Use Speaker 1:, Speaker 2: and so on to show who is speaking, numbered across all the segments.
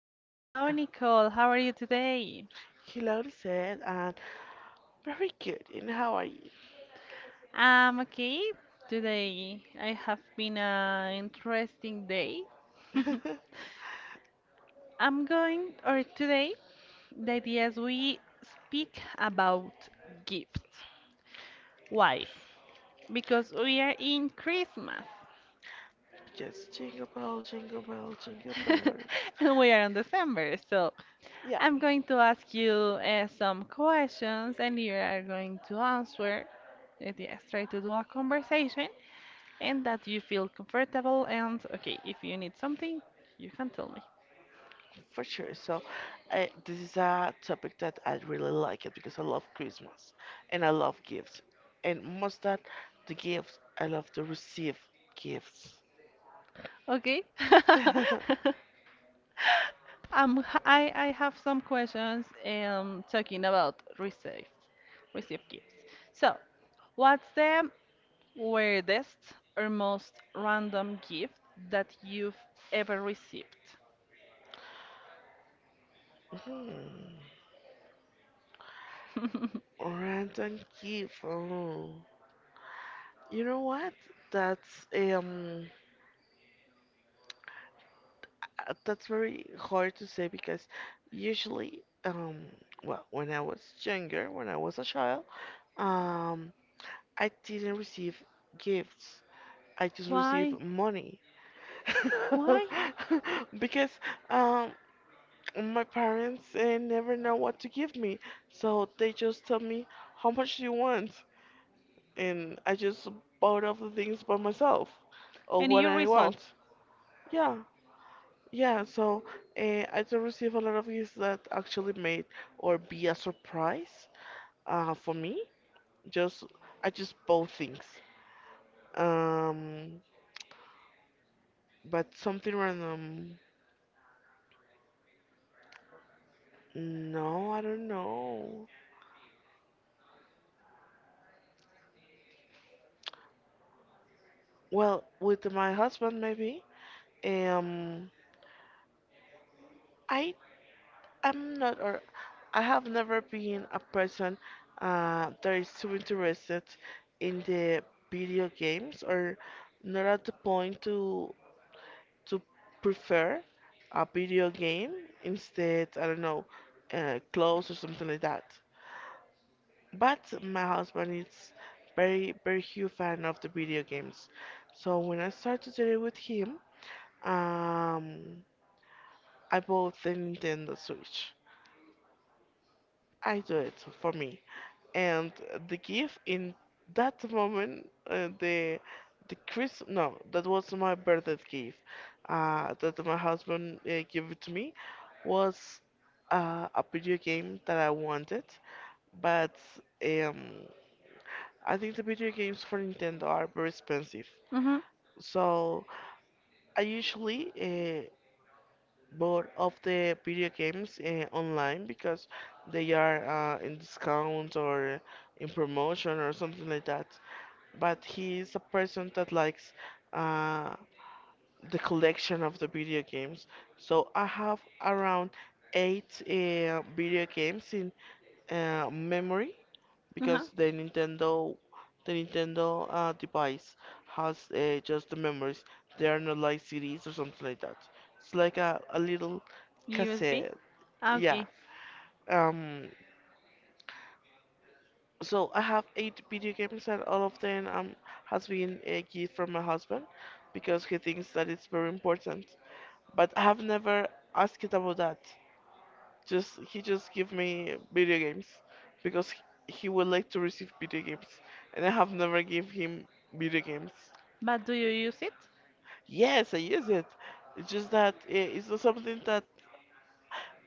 Speaker 1: So, hello, Nicole. How are you today?
Speaker 2: Hello, said, and very good. And how are you?
Speaker 1: I'm okay. Today I have been an interesting day. I'm going, or today, the idea is we speak about gifts. Why? Because we are in Christmas
Speaker 2: Just jingle bell, jingle bell, jingle bell rings.
Speaker 1: and we are in December. So,
Speaker 2: Yeah,
Speaker 1: I'm going to ask you some questions and you are going to answer. Yes, try to do a conversation. And that you feel comfortable and okay, if you need something, you can tell me.
Speaker 2: for sure. So, this is a topic that I really like it because I love Christmas and I love gifts. And most that the gifts, I love to receive gifts.
Speaker 1: Okay. I have some questions talking about receive, receive gifts. So, what's the weirdest or most random gift that you've ever received?
Speaker 2: Mhm. Random gift. Oh. You know what? That's that's very hard to say because usually, well, when I was younger, when I was a child, um I didn't receive gifts. I just received
Speaker 1: Why?
Speaker 2: money.
Speaker 1: Why?
Speaker 2: Because um my parents never know what to give me. So they just tell me how much do you want, and I just bought all the things by myself or
Speaker 1: And
Speaker 2: what
Speaker 1: you
Speaker 2: I
Speaker 1: resolve.
Speaker 2: want. Yeah, Yeah, so I do receive a lot of gifts that actually made or be a surprise for me. Just I just bought things. Um, but something random. No, I don't know. Well, with my husband maybe. Um, I am not, or I have never been a person that is too interested in the video games, or not at the point to prefer a video game instead, I don't know, clothes or something like that. But my husband is very, very huge fan of the video games. So when I started to it with him, um, I bought the Nintendo Switch. I do it for me, and the gift in that moment, the Chris no that was my birthday gift that my husband gave it to me, was a video game that I wanted, but um, I think the video games for Nintendo are very expensive,
Speaker 1: Mm-hmm.
Speaker 2: so I usually bought of the video games online because they are in discount or in promotion or something like that, but he is a person that likes uh, the collection of the video games. So I have around eight video games in memory
Speaker 1: Uh-huh.
Speaker 2: because the Nintendo device has just the memories. They are not like CDs or something like that. It's like a little
Speaker 1: USB?
Speaker 2: cassette.
Speaker 1: Ah,
Speaker 2: Yeah.
Speaker 1: okay.
Speaker 2: Um, So I have eight video games, and all of them has been a gift from my husband because he thinks that it's very important. But I have never asked it about that. Just he just give me video games because he would like to receive video games, and I have never give him video games.
Speaker 1: But do you use it?
Speaker 2: Yes, I use it. It's just that it's not something that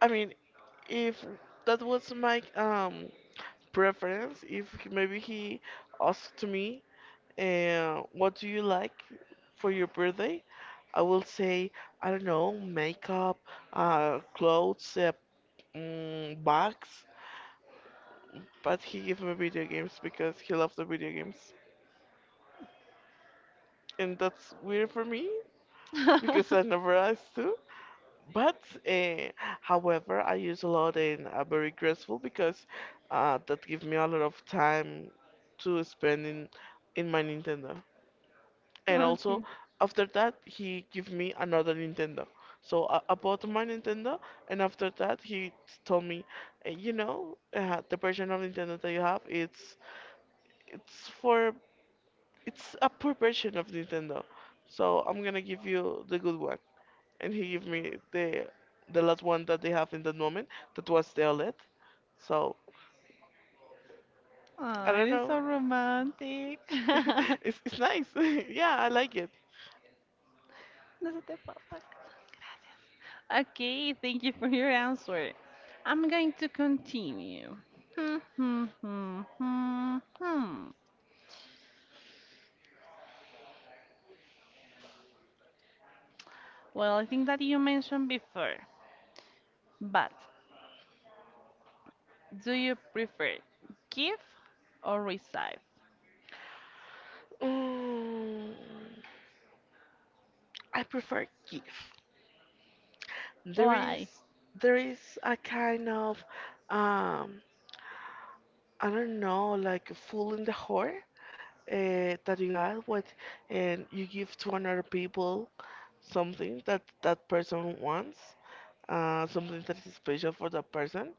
Speaker 2: I mean, if that was my preference, if maybe he asked me, uh, what do you like for your birthday? I will say, I don't know, makeup, clothes, mm, bags. But he gave me video games because he loves the video games. And that's weird for me because I never asked to. But, uh, however, I use a lot, and I'm very grateful because that gives me a lot of time to spend in my Nintendo. And also,
Speaker 1: Okay.
Speaker 2: after that, he give me another Nintendo. So I bought my Nintendo, and after that, he told me, you know, the version of Nintendo that you have, it's for it's a poor version of Nintendo. So I'm gonna give you the good one." And he gave me the last one that they have in that moment, that was the OLED. So I
Speaker 1: Oh,
Speaker 2: don't
Speaker 1: eres
Speaker 2: know,
Speaker 1: so romantic.
Speaker 2: it's nice. Yeah, I like it.
Speaker 1: No se te pasa. Okay, thank you for your answer. I'm going to continue. Hmm, hmm, hmm, hmm, hmm. Well, I think that you mentioned before, but do you prefer give or receive?
Speaker 2: Mm, I prefer GIF. there is
Speaker 1: Why?
Speaker 2: there is a kind of um I don't know, like a fool in the whore that you have what, and you give to another people something that that person wants, something that is special for that person,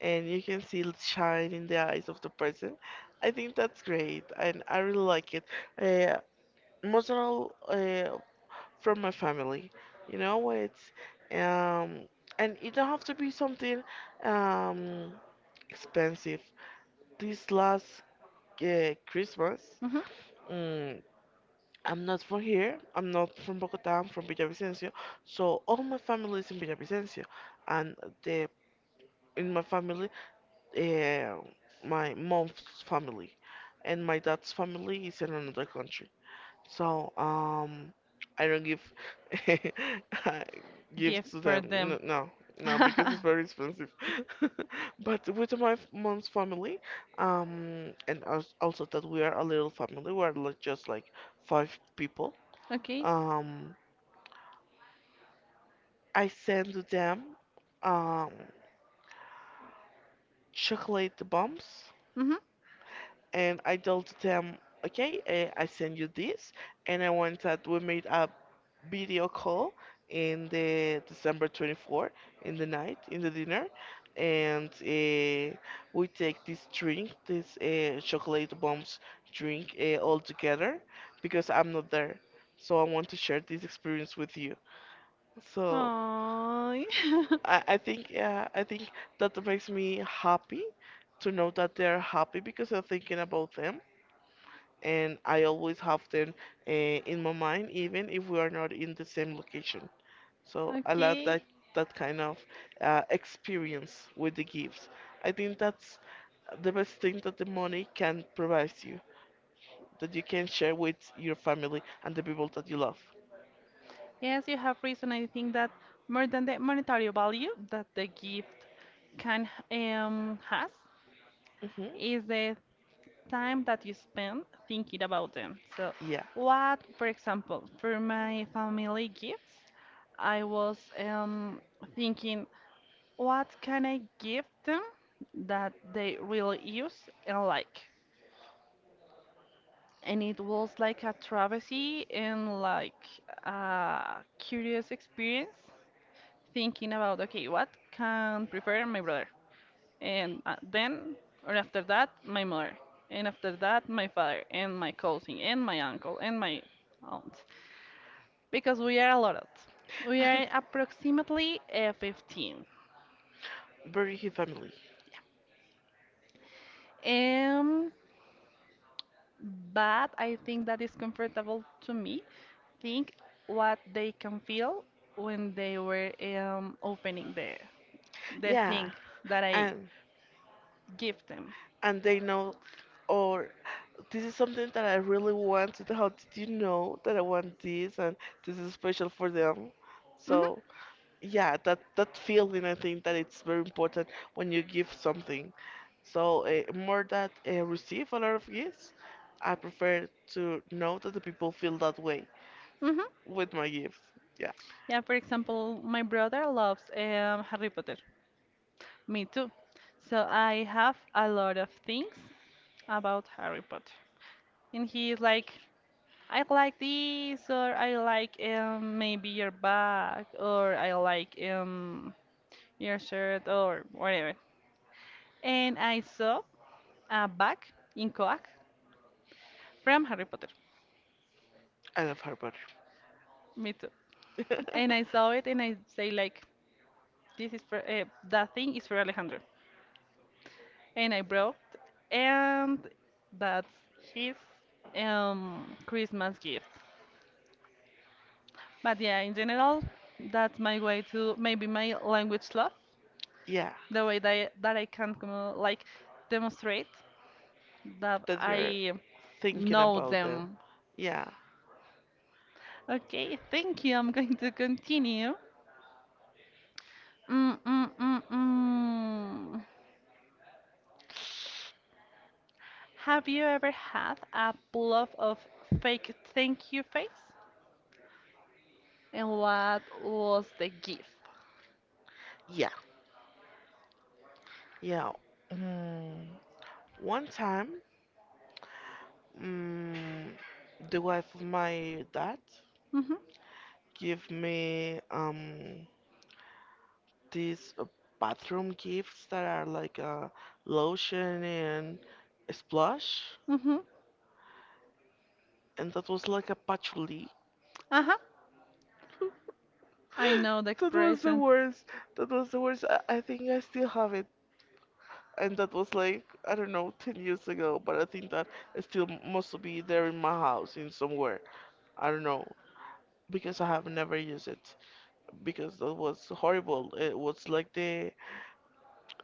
Speaker 2: and you can see it shine in the eyes of the person. I think that's great, and I really like it, uh, most of all, from my family. You know, it's um, and it don't have to be something um expensive. This last Christmas,
Speaker 1: Mm-hmm.
Speaker 2: mm, I'm not from here. I'm not from Bogota. I'm from Villavicencio. So all my family is in Villavicencio, and the in my family, uh, my mom's family, and my dad's family is in another country. So, I don't give I
Speaker 1: Give
Speaker 2: gifts to
Speaker 1: for
Speaker 2: them.
Speaker 1: them.
Speaker 2: No, no, because it's very expensive. But with my mom's family, and also, that we are a little family, we are like just like five people.
Speaker 1: Okay.
Speaker 2: Um, I send them um chocolate bombs,
Speaker 1: Mm-hmm.
Speaker 2: and I told them, okay, eh, I send you this, and I want that we made a video call in the December 24th, in the night in the dinner, and we take this drink, this chocolate bombs drink, all together because I'm not there, so I want to share this experience with you. So
Speaker 1: So,
Speaker 2: I think that makes me happy to know that they're happy because I'm thinking about them, and I always have them in my mind, even if we are not in the same location. So I love
Speaker 1: okay.
Speaker 2: that, that kind of experience with the gifts. I think that's the best thing that the money can provide you, that you can share with your family and the people that you love.
Speaker 1: Yes, you have reason. I think that more than the monetary value that the gift can has
Speaker 2: Hmm.
Speaker 1: is the time that you spend thinking about them. So,
Speaker 2: Yeah,
Speaker 1: what, for example, for my family gifts, I was thinking, what can I give them that they really use and like? And it was like a travesty and like a curious experience thinking about okay what can prefer my brother and then or after that my mother and after that my father and my cousin and my uncle and my aunt because we are a lot, we are approximately 15
Speaker 2: bury his family.
Speaker 1: um but I think that is comfortable to me think what they can feel when they were opening the
Speaker 2: Yeah,
Speaker 1: thing that I
Speaker 2: and
Speaker 1: give them.
Speaker 2: and they know, or this is something that I really wanted. How did you know that I want this, and this is special for them?
Speaker 1: Mhm,
Speaker 2: So yeah, that that feeling, I think that it's very important when you give something. So more that receive a lot of gifts, I prefer to know that the people feel that way
Speaker 1: mhm.
Speaker 2: with my gifts. Yeah,
Speaker 1: Yeah, for example, my brother loves Harry Potter. Me too. So I have a lot of things about Harry Potter, and he is like, I like this, or I like maybe your bag, or I like your shirt, or whatever. And I saw a bag in Coac from Harry Potter.
Speaker 2: I love her better.
Speaker 1: Me too. And I saw it and I say like, this is for that thing is for Alejandro. And I brought, and that's his Christmas gift. But yeah, in general, that's my way to maybe my language love,
Speaker 2: Yeah,
Speaker 1: the way that I, that like demonstrate that
Speaker 2: that you're
Speaker 1: I
Speaker 2: thinking
Speaker 1: know
Speaker 2: about them.
Speaker 1: them.
Speaker 2: Yeah.
Speaker 1: Okay, thank you. I'm going to continue. Mm, mm, mm, mm. Have you ever had a bluff of fake thank you face? And what was the gift?
Speaker 2: Yeah. Yeah. Mm, one time, mm, the wife of my dad
Speaker 1: Mm-hmm.
Speaker 2: give me these bathroom gifts that are like a lotion and a splash,
Speaker 1: Mm-hmm.
Speaker 2: and that was like a patchouli.
Speaker 1: Uh-huh. I know the
Speaker 2: That was the
Speaker 1: expression.
Speaker 2: worst. That was the worst. I think I still have it. And that was like, I don't know, 10 years ago, but I think that it still must be there in my house in somewhere. I don't know, because I have never used it. Because that was horrible. It was like the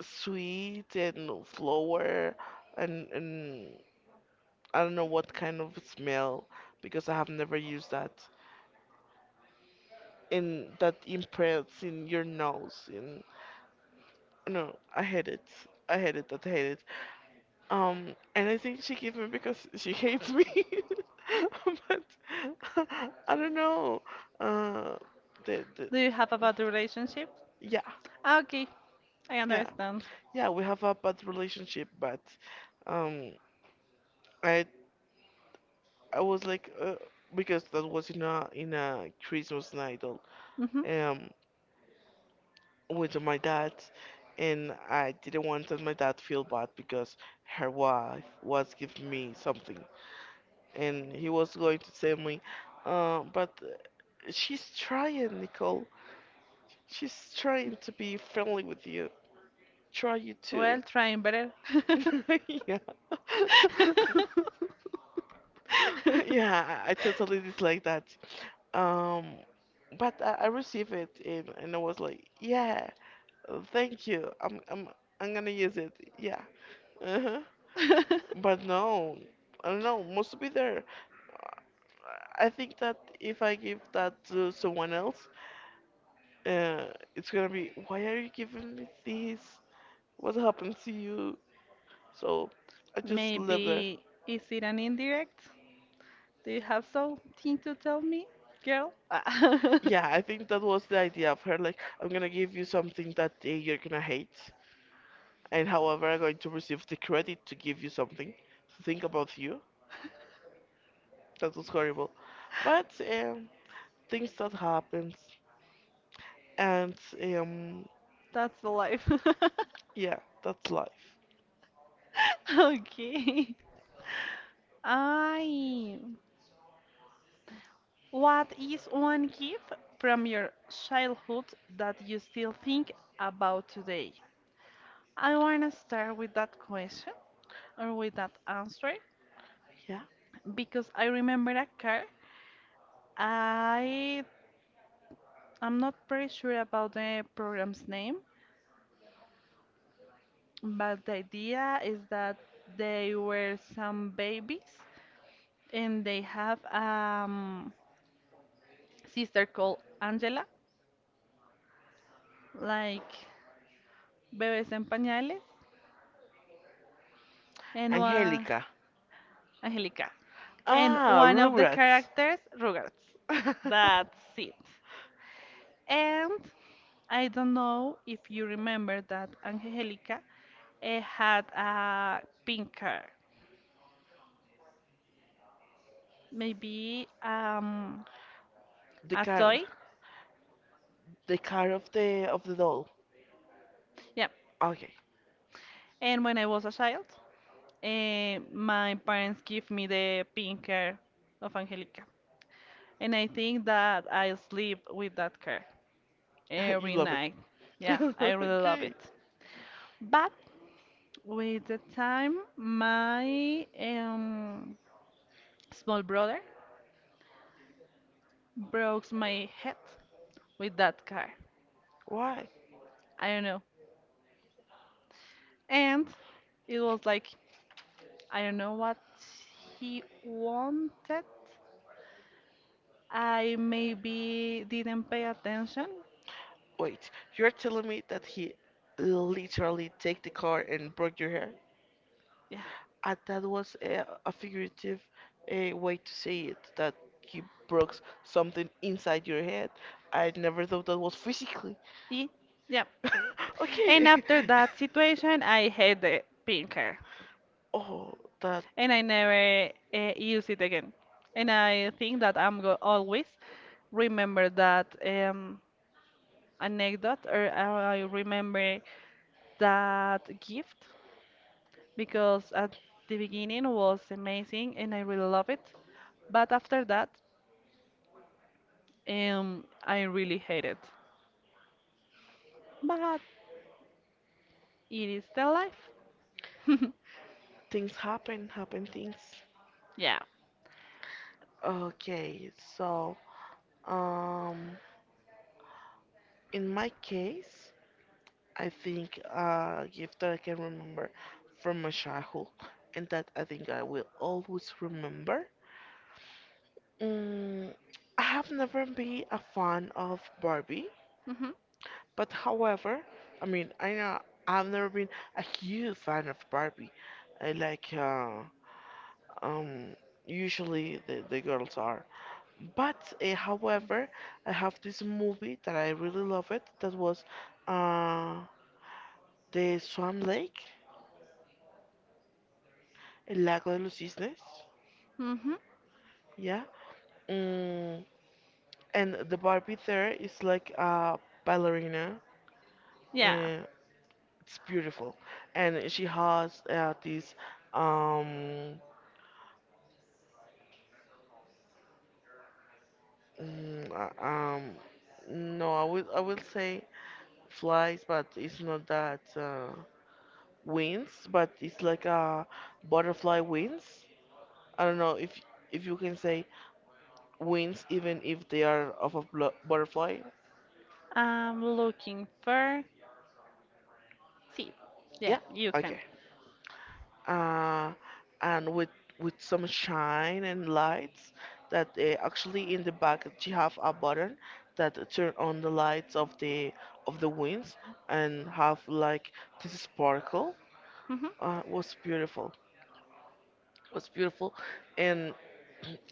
Speaker 2: sweet and flower, and I don't know what kind of smell because I have never used that. And that imprints in your nose. And no, I hate it. I hate it. I hate it. And I think she gave me because she hates me. But I don't know. Uh, the, the,
Speaker 1: Do you have a bad relationship?
Speaker 2: yeah,
Speaker 1: Ah, okay, I
Speaker 2: yeah,
Speaker 1: understand.
Speaker 2: yeah. We have a bad relationship, but um, I I was like, because that was in a Christmas night.
Speaker 1: Mm-hmm.
Speaker 2: Um, with my dad, and I didn't want that my dad feel bad because her wife was giving me something, and he was going to tell me, but she's trying, Nicole, she's trying to be friendly with you, try you too.
Speaker 1: Well, trying better.
Speaker 2: Yeah. Yeah, I totally dislike that, um but I received it, and I was like, yeah, uh, thank you. I'm gonna use it. Yeah. Uh-huh. But no, I don't know. Must be there. I think that if I give that to someone else, uh, it's gonna be, why are you giving me this? What happened to you? So I just live there.
Speaker 1: Maybe is it an indirect? Do you have something to tell me, girl? Ah.
Speaker 2: Yeah, I think that was the idea of her. Like, I'm gonna give you something that you're gonna hate, and however, I'm going to receive the credit to give you something to think about you. That was horrible, but things that happens, and um,
Speaker 1: That's the life.
Speaker 2: yeah, that's life.
Speaker 1: Okay. I. What is one gift from your childhood that you still think about today? I want to start with that question or with that answer
Speaker 2: Yeah.
Speaker 1: because I remember a car. I I'm not pretty sure about the program's name, but the idea is that they were some babies and they have sister called Angela, like Bebes en Pañales, and
Speaker 2: Angelica.
Speaker 1: Angelica. And
Speaker 2: Ah,
Speaker 1: one of the
Speaker 2: Rugrats.
Speaker 1: characters, Rugrats. That's it. And I don't know if you remember that Angelica had a pink car, maybe
Speaker 2: the
Speaker 1: a
Speaker 2: car,
Speaker 1: toy.
Speaker 2: the car of the doll.
Speaker 1: Yeah.
Speaker 2: Okay,
Speaker 1: And when I was a child, my parents gave me the pink car of Angelica. And I think that I sleep with that car
Speaker 2: you
Speaker 1: every
Speaker 2: love
Speaker 1: night. Yeah,
Speaker 2: it.
Speaker 1: I really love
Speaker 2: Okay.
Speaker 1: it. But with the time, my small brother broke my head with that car.
Speaker 2: Why?
Speaker 1: I don't know. And it was like, I don't know what he wanted. I maybe didn't pay attention.
Speaker 2: Wait, you're telling me that he literally take the car and broke your hair?
Speaker 1: Yeah.
Speaker 2: And that was a figurative way to say it, that he broke something inside your head. I never thought that was physically.
Speaker 1: Ye- Yeah. And
Speaker 2: Okay.
Speaker 1: after that situation, I hate the pink car.
Speaker 2: Oh, that
Speaker 1: And I never use it again. And I think that I'm go always remember that anecdote or I remember that gift because at the beginning was amazing and I really love it. But after that, I really hate it. But it is the life.
Speaker 2: things happen, happen things.
Speaker 1: Yeah.
Speaker 2: Okay, so um, in my case, I think a gift that I can remember from my childhood, and that I think I will always remember. Mm, I have never been a fan of Barbie,
Speaker 1: Mhm.
Speaker 2: but however, I mean, I know I've never been a huge fan of Barbie. I like, um, usually the girls are. But however, I have this movie that I really love it. That was, uh, the Swan Lake, El Lago de los Cisnes.
Speaker 1: Mhm.
Speaker 2: Yeah. Mm, and the Barbie there is like a ballerina.
Speaker 1: Yeah.
Speaker 2: Eh, it's beautiful, and she has this um mm, uh, um no, I will say flies, but it's not that wings, but it's like a butterfly wings. I don't know if you can say wings even if they are of a butterfly.
Speaker 1: I'm looking for. See. Yeah,
Speaker 2: Yeah.
Speaker 1: you can.
Speaker 2: Okay. uh, and with some shine and lights that actually in the back you have a button that turn on the lights of the wings and have like this sparkle.
Speaker 1: Mhm.
Speaker 2: Was beautiful, was beautiful, and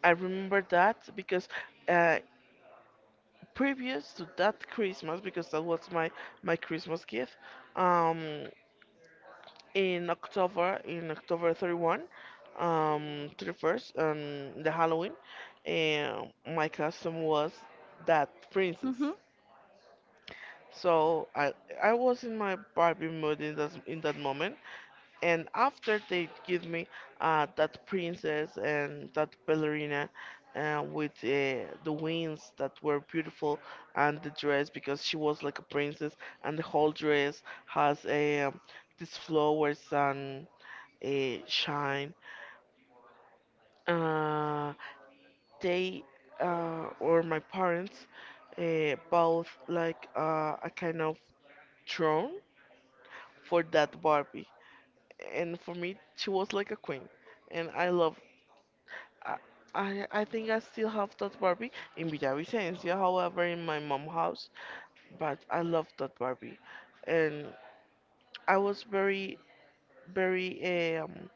Speaker 2: I remember that because uh, previous to that Christmas, because that was my my Christmas gift um in October, in October 31, 31st, on the Halloween, and my costume was that princess.
Speaker 1: Mhm.
Speaker 2: So I was in my Barbie mood in that moment, and after they give me that princess and that ballerina with the wings that were beautiful, and the dress, because she was like a princess and the whole dress has a these flowers and shine. Uh, they Or my parents bought like a kind of throne for that Barbie, and for me she was like a queen, and I love. I I think I still have that Barbie in Villavicencio, however, in my mom house, but I love that Barbie, and I was very very. eh, Um,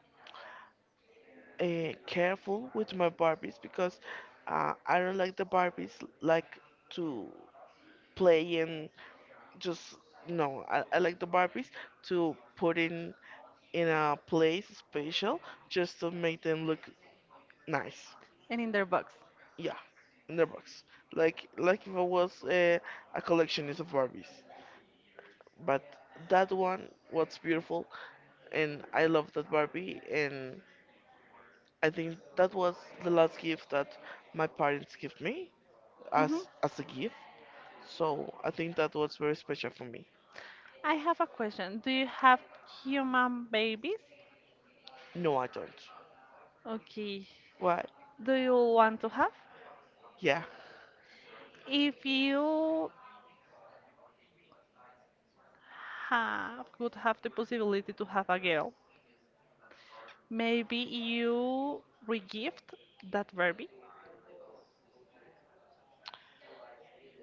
Speaker 2: uh, careful with my Barbies because I don't like the Barbies like to play and just no. I like the Barbies to put in a place special, just to make them look nice.
Speaker 1: And in their box.
Speaker 2: Yeah, in their box, like if I was a collectionist of Barbies. But that one was beautiful, and I love that Barbie and. I think that was the last gift that my parents gave me
Speaker 1: Hmm.
Speaker 2: as a gift. So I think that was very special for me.
Speaker 1: I have a question. Do you have human babies?
Speaker 2: No, I don't.
Speaker 1: Okay.
Speaker 2: Why?
Speaker 1: Do you want to have?
Speaker 2: Yeah,
Speaker 1: If you have could have the possibility to have a girl, maybe you regift that baby.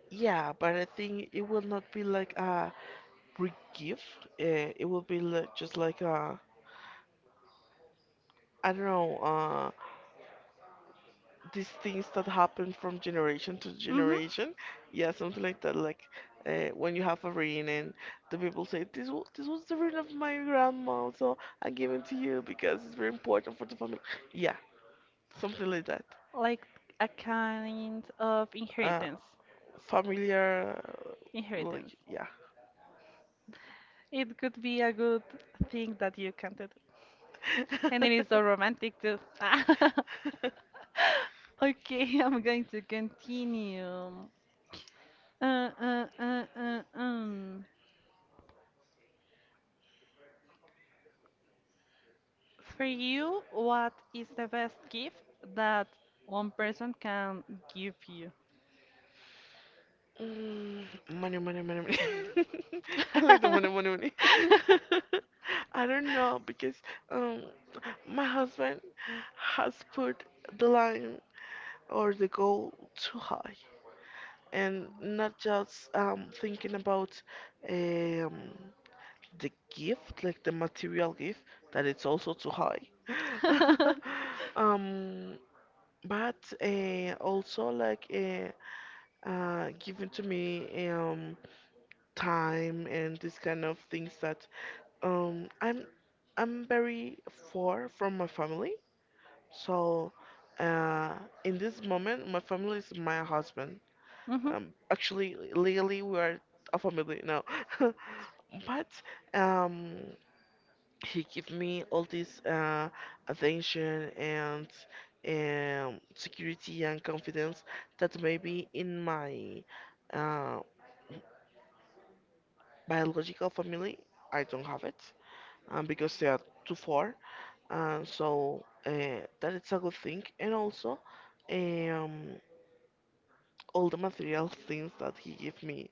Speaker 2: yeah, but I think it will not be like a big gift. It will be like, just like, a I don't know. These things that happen from generation to
Speaker 1: Hmm.
Speaker 2: generation. Yeah, something like that. Like when you have a ring and the people say, this this was the ring of my grandma, so I give it to you because it's very important for the family. Yeah, something like that.
Speaker 1: Like a kind of
Speaker 2: Uh,
Speaker 1: inheritance.
Speaker 2: Familiar, like,
Speaker 1: Inheritance.
Speaker 2: yeah.
Speaker 1: It could be a good thing that you can do. And it is so romantic too. Okay, I'm going to continue. Uh, uh, uh, uh, um. For you, what is the best gift that one person can give you?
Speaker 2: Mm, money, money, money, money. I like the money, money, money. I don't know because um, my husband has put the line or the goal too high, and not just thinking about um the gift, like the material gift, that it's also too high. um, but also like giving to me time and this kind of things that I'm very far from my family. So uh, in this moment, my family is my husband.
Speaker 1: Mm-hmm.
Speaker 2: Actually, legally, we are a family now. But um, he give me all this attention and security and confidence that maybe in my uh, biological family I don't have it because they are too far. Uh, so uh, that is a good thing. And also um, all the material things that he give me.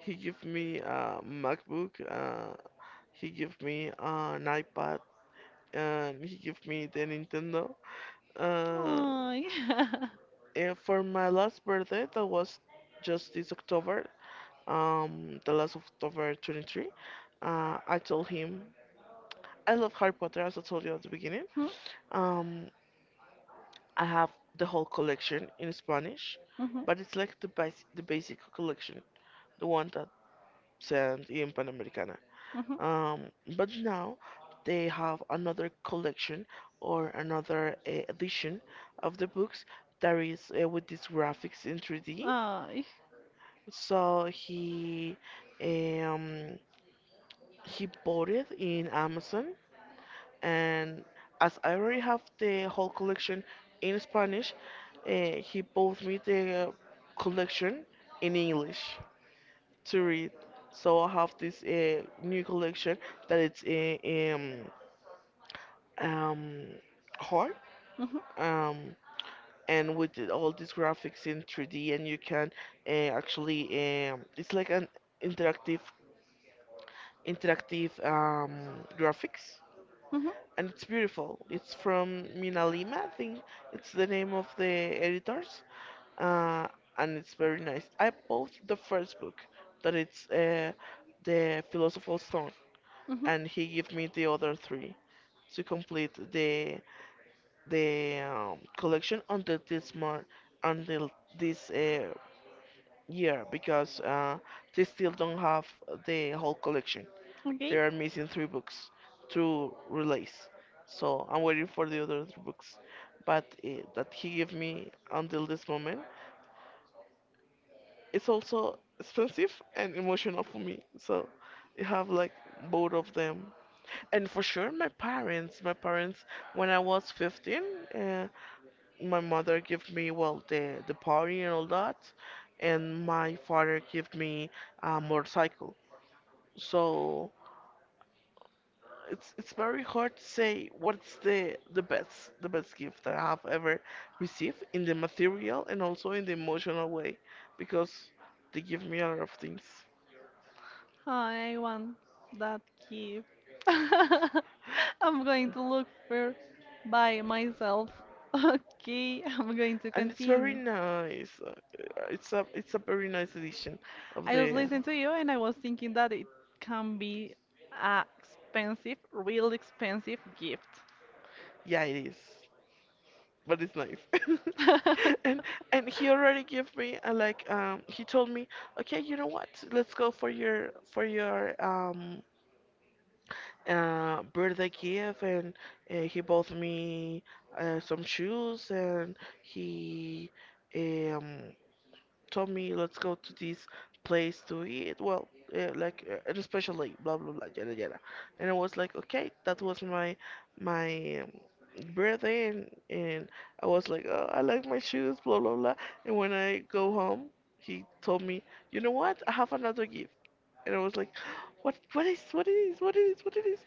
Speaker 2: He give me a MacBook. He give me an iPad. And he give me the Nintendo. Uh,
Speaker 1: Oh, yeah.
Speaker 2: and for my last birthday, that was just this October, the last of October 23, I told him I love Harry Potter, as I told you at the beginning. Um, I have the whole collection in Spanish,
Speaker 1: Mm-hmm.
Speaker 2: but it's like the the basic collection, the one that sent in Panamericana.
Speaker 1: Mm-hmm. Oh,
Speaker 2: Um, but now they have another collection or another edition of the books that is with these graphics in 3D.
Speaker 1: mm-hmm.
Speaker 2: So um, he bought it in Amazon, and as I already have the whole collection in Spanish, uh, he bought me the collection in English to read. So I have this new collection that it's um, hard, um, and with all these graphics in 3D, and you can actually, it's like an interactive interactive graphics,
Speaker 1: Mm-hmm.
Speaker 2: and it's beautiful. It's from Mina Lima, I think it's the name of the editors, uh, and it's very nice. I bought the first book, that it's the Philosopher's Stone,
Speaker 1: Hmm.
Speaker 2: and he gave me the other three to complete the collection until this month, until this year, because they still don't have the whole collection. They
Speaker 1: Okay.
Speaker 2: are missing three books to release, so I'm waiting for the other three books. But that he gave me until this moment, it's also expensive and emotional for me. So you have like both of them. And for sure, my parents. My parents, when I was 15, uh, my mother gave me, well, the party and all that, and my father gave me a motorcycle. So it's very hard to say what's the the best gift that I have ever received in the material and also in the emotional way, because they give me a lot of things
Speaker 1: I want that key. I'm going to look for by myself. Okay, I'm going to
Speaker 2: and it's very
Speaker 1: continue.
Speaker 2: nice. It's a very nice edition of
Speaker 1: I was
Speaker 2: the.
Speaker 1: listening to you and I was thinking that it can be a expensive, real expensive gift.
Speaker 2: Yeah, it is. But it's nice. And he already gave me a, like, he told me, okay, you know what? Let's go for your birthday gift. And he bought me some shoes, and he um told me, let's go to this place to eat. Well, and especially blah blah blah yada yada. And I was like, okay, that was my my um, birthday, and I was like, oh, I like my shoes, blah blah blah. And when I go home, he told me, you know what? I have another gift. And I was like, what is what it is what it is what it is?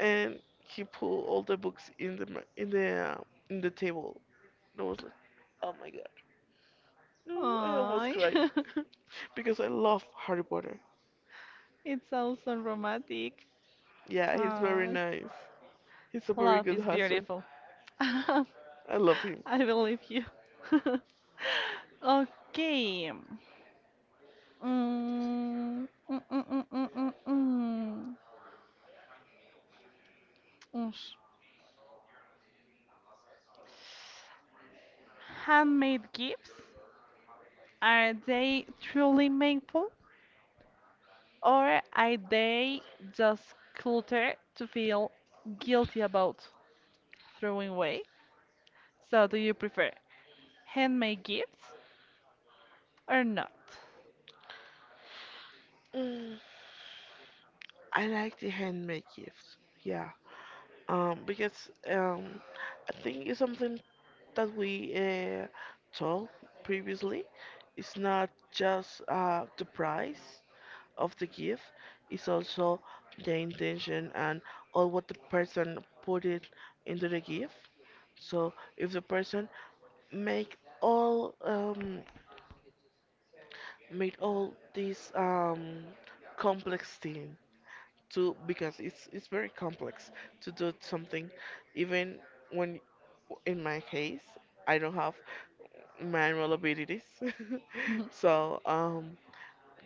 Speaker 2: And he pulled all the books in the in the in the table. And I was like, oh my god. No, I almost
Speaker 1: Ay,
Speaker 2: cried because I love Harry Potter.
Speaker 1: it sounds so romantic.
Speaker 2: Yeah, he's very
Speaker 1: Ay,
Speaker 2: nice. He's a very
Speaker 1: love
Speaker 2: good
Speaker 1: is
Speaker 2: husband.
Speaker 1: beautiful. I
Speaker 2: I love him.
Speaker 1: believe you. Okay. Mm, mm, mm, mm, mm, mm, mm. Oosh. Handmade gifts, are they truly meaningful or are they just clutter to feel guilty about throwing away? So, do you prefer handmade gifts or not?
Speaker 2: Mm, I like the handmade gifts. Yeah. Because I think it's something that we told previously. It's not just the price of the gift. It's also the intention and all what the person put it into the gift. So if the person make all made all this complex thing to, because it's very complex to do something, even when in my case I don't have manual abilities so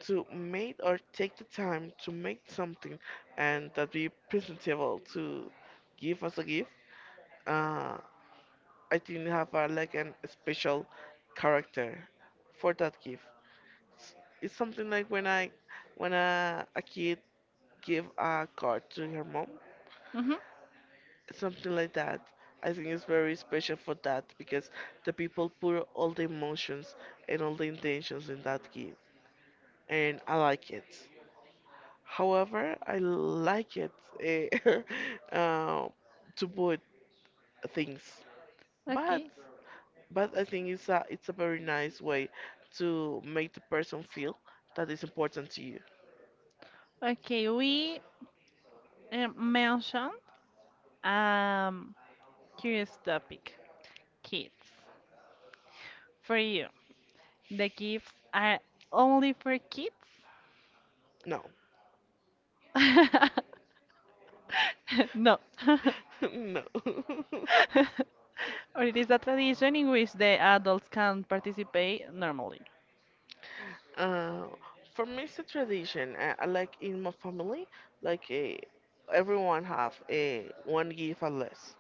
Speaker 2: to make or take the time to make something and that be presentable to give as a gift, uh I think have a, like, an special character for that gift. It's something like when when a kid give a card to her mom,
Speaker 1: Hmm.
Speaker 2: something like that. I think it's very special for that because the people put all the emotions and all the intentions in that gift, and I like it. However, I like it, eh, uh, to put things, but
Speaker 1: Okay.
Speaker 2: but I think it's a very nice way to make the person feel that is important to you.
Speaker 1: Okay, we mentioned um, curious topic kids. For you, the gifts are only for kids?
Speaker 2: No.
Speaker 1: No.
Speaker 2: No.
Speaker 1: Or it is a tradition in which the adults can participate normally.
Speaker 2: Uh, for me, it's a tradition. I like in my family, like everyone have one gift or less.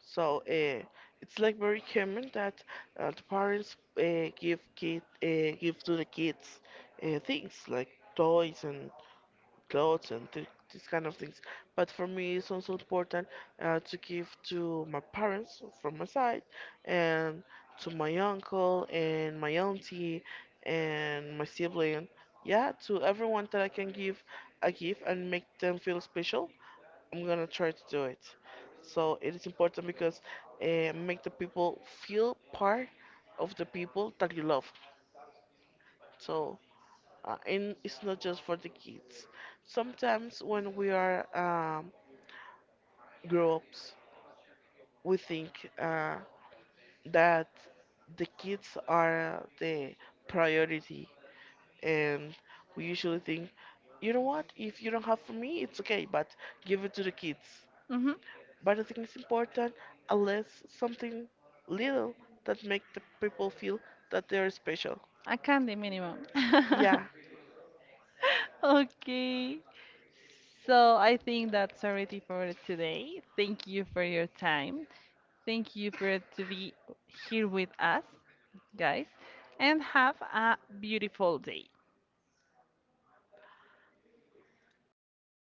Speaker 2: So it's like very common that the parents give to the kids things like toys and clothes and these kind of things. But for me, it's also important to give to my parents from my side, and to my uncle and my auntie and my sibling. Yeah, to everyone that I can give a gift and make them feel special, I'm gonna try to do it. So it is important because make the people feel part of the people that you love. So and it's not just for the kids. Sometimes when we are grown ups, we think that the kids are the priority, and we usually think, you know what, if you don't have for me, it's okay, but give it to the kids.
Speaker 1: Mm-hmm.
Speaker 2: But I think it's important, unless something little that make the people feel that they are special.
Speaker 1: A candy minimum.
Speaker 2: Yeah,
Speaker 1: Okay. So I think that's already for today. Thank you for your time. Thank you for to be here with us, guys, and have a beautiful day. I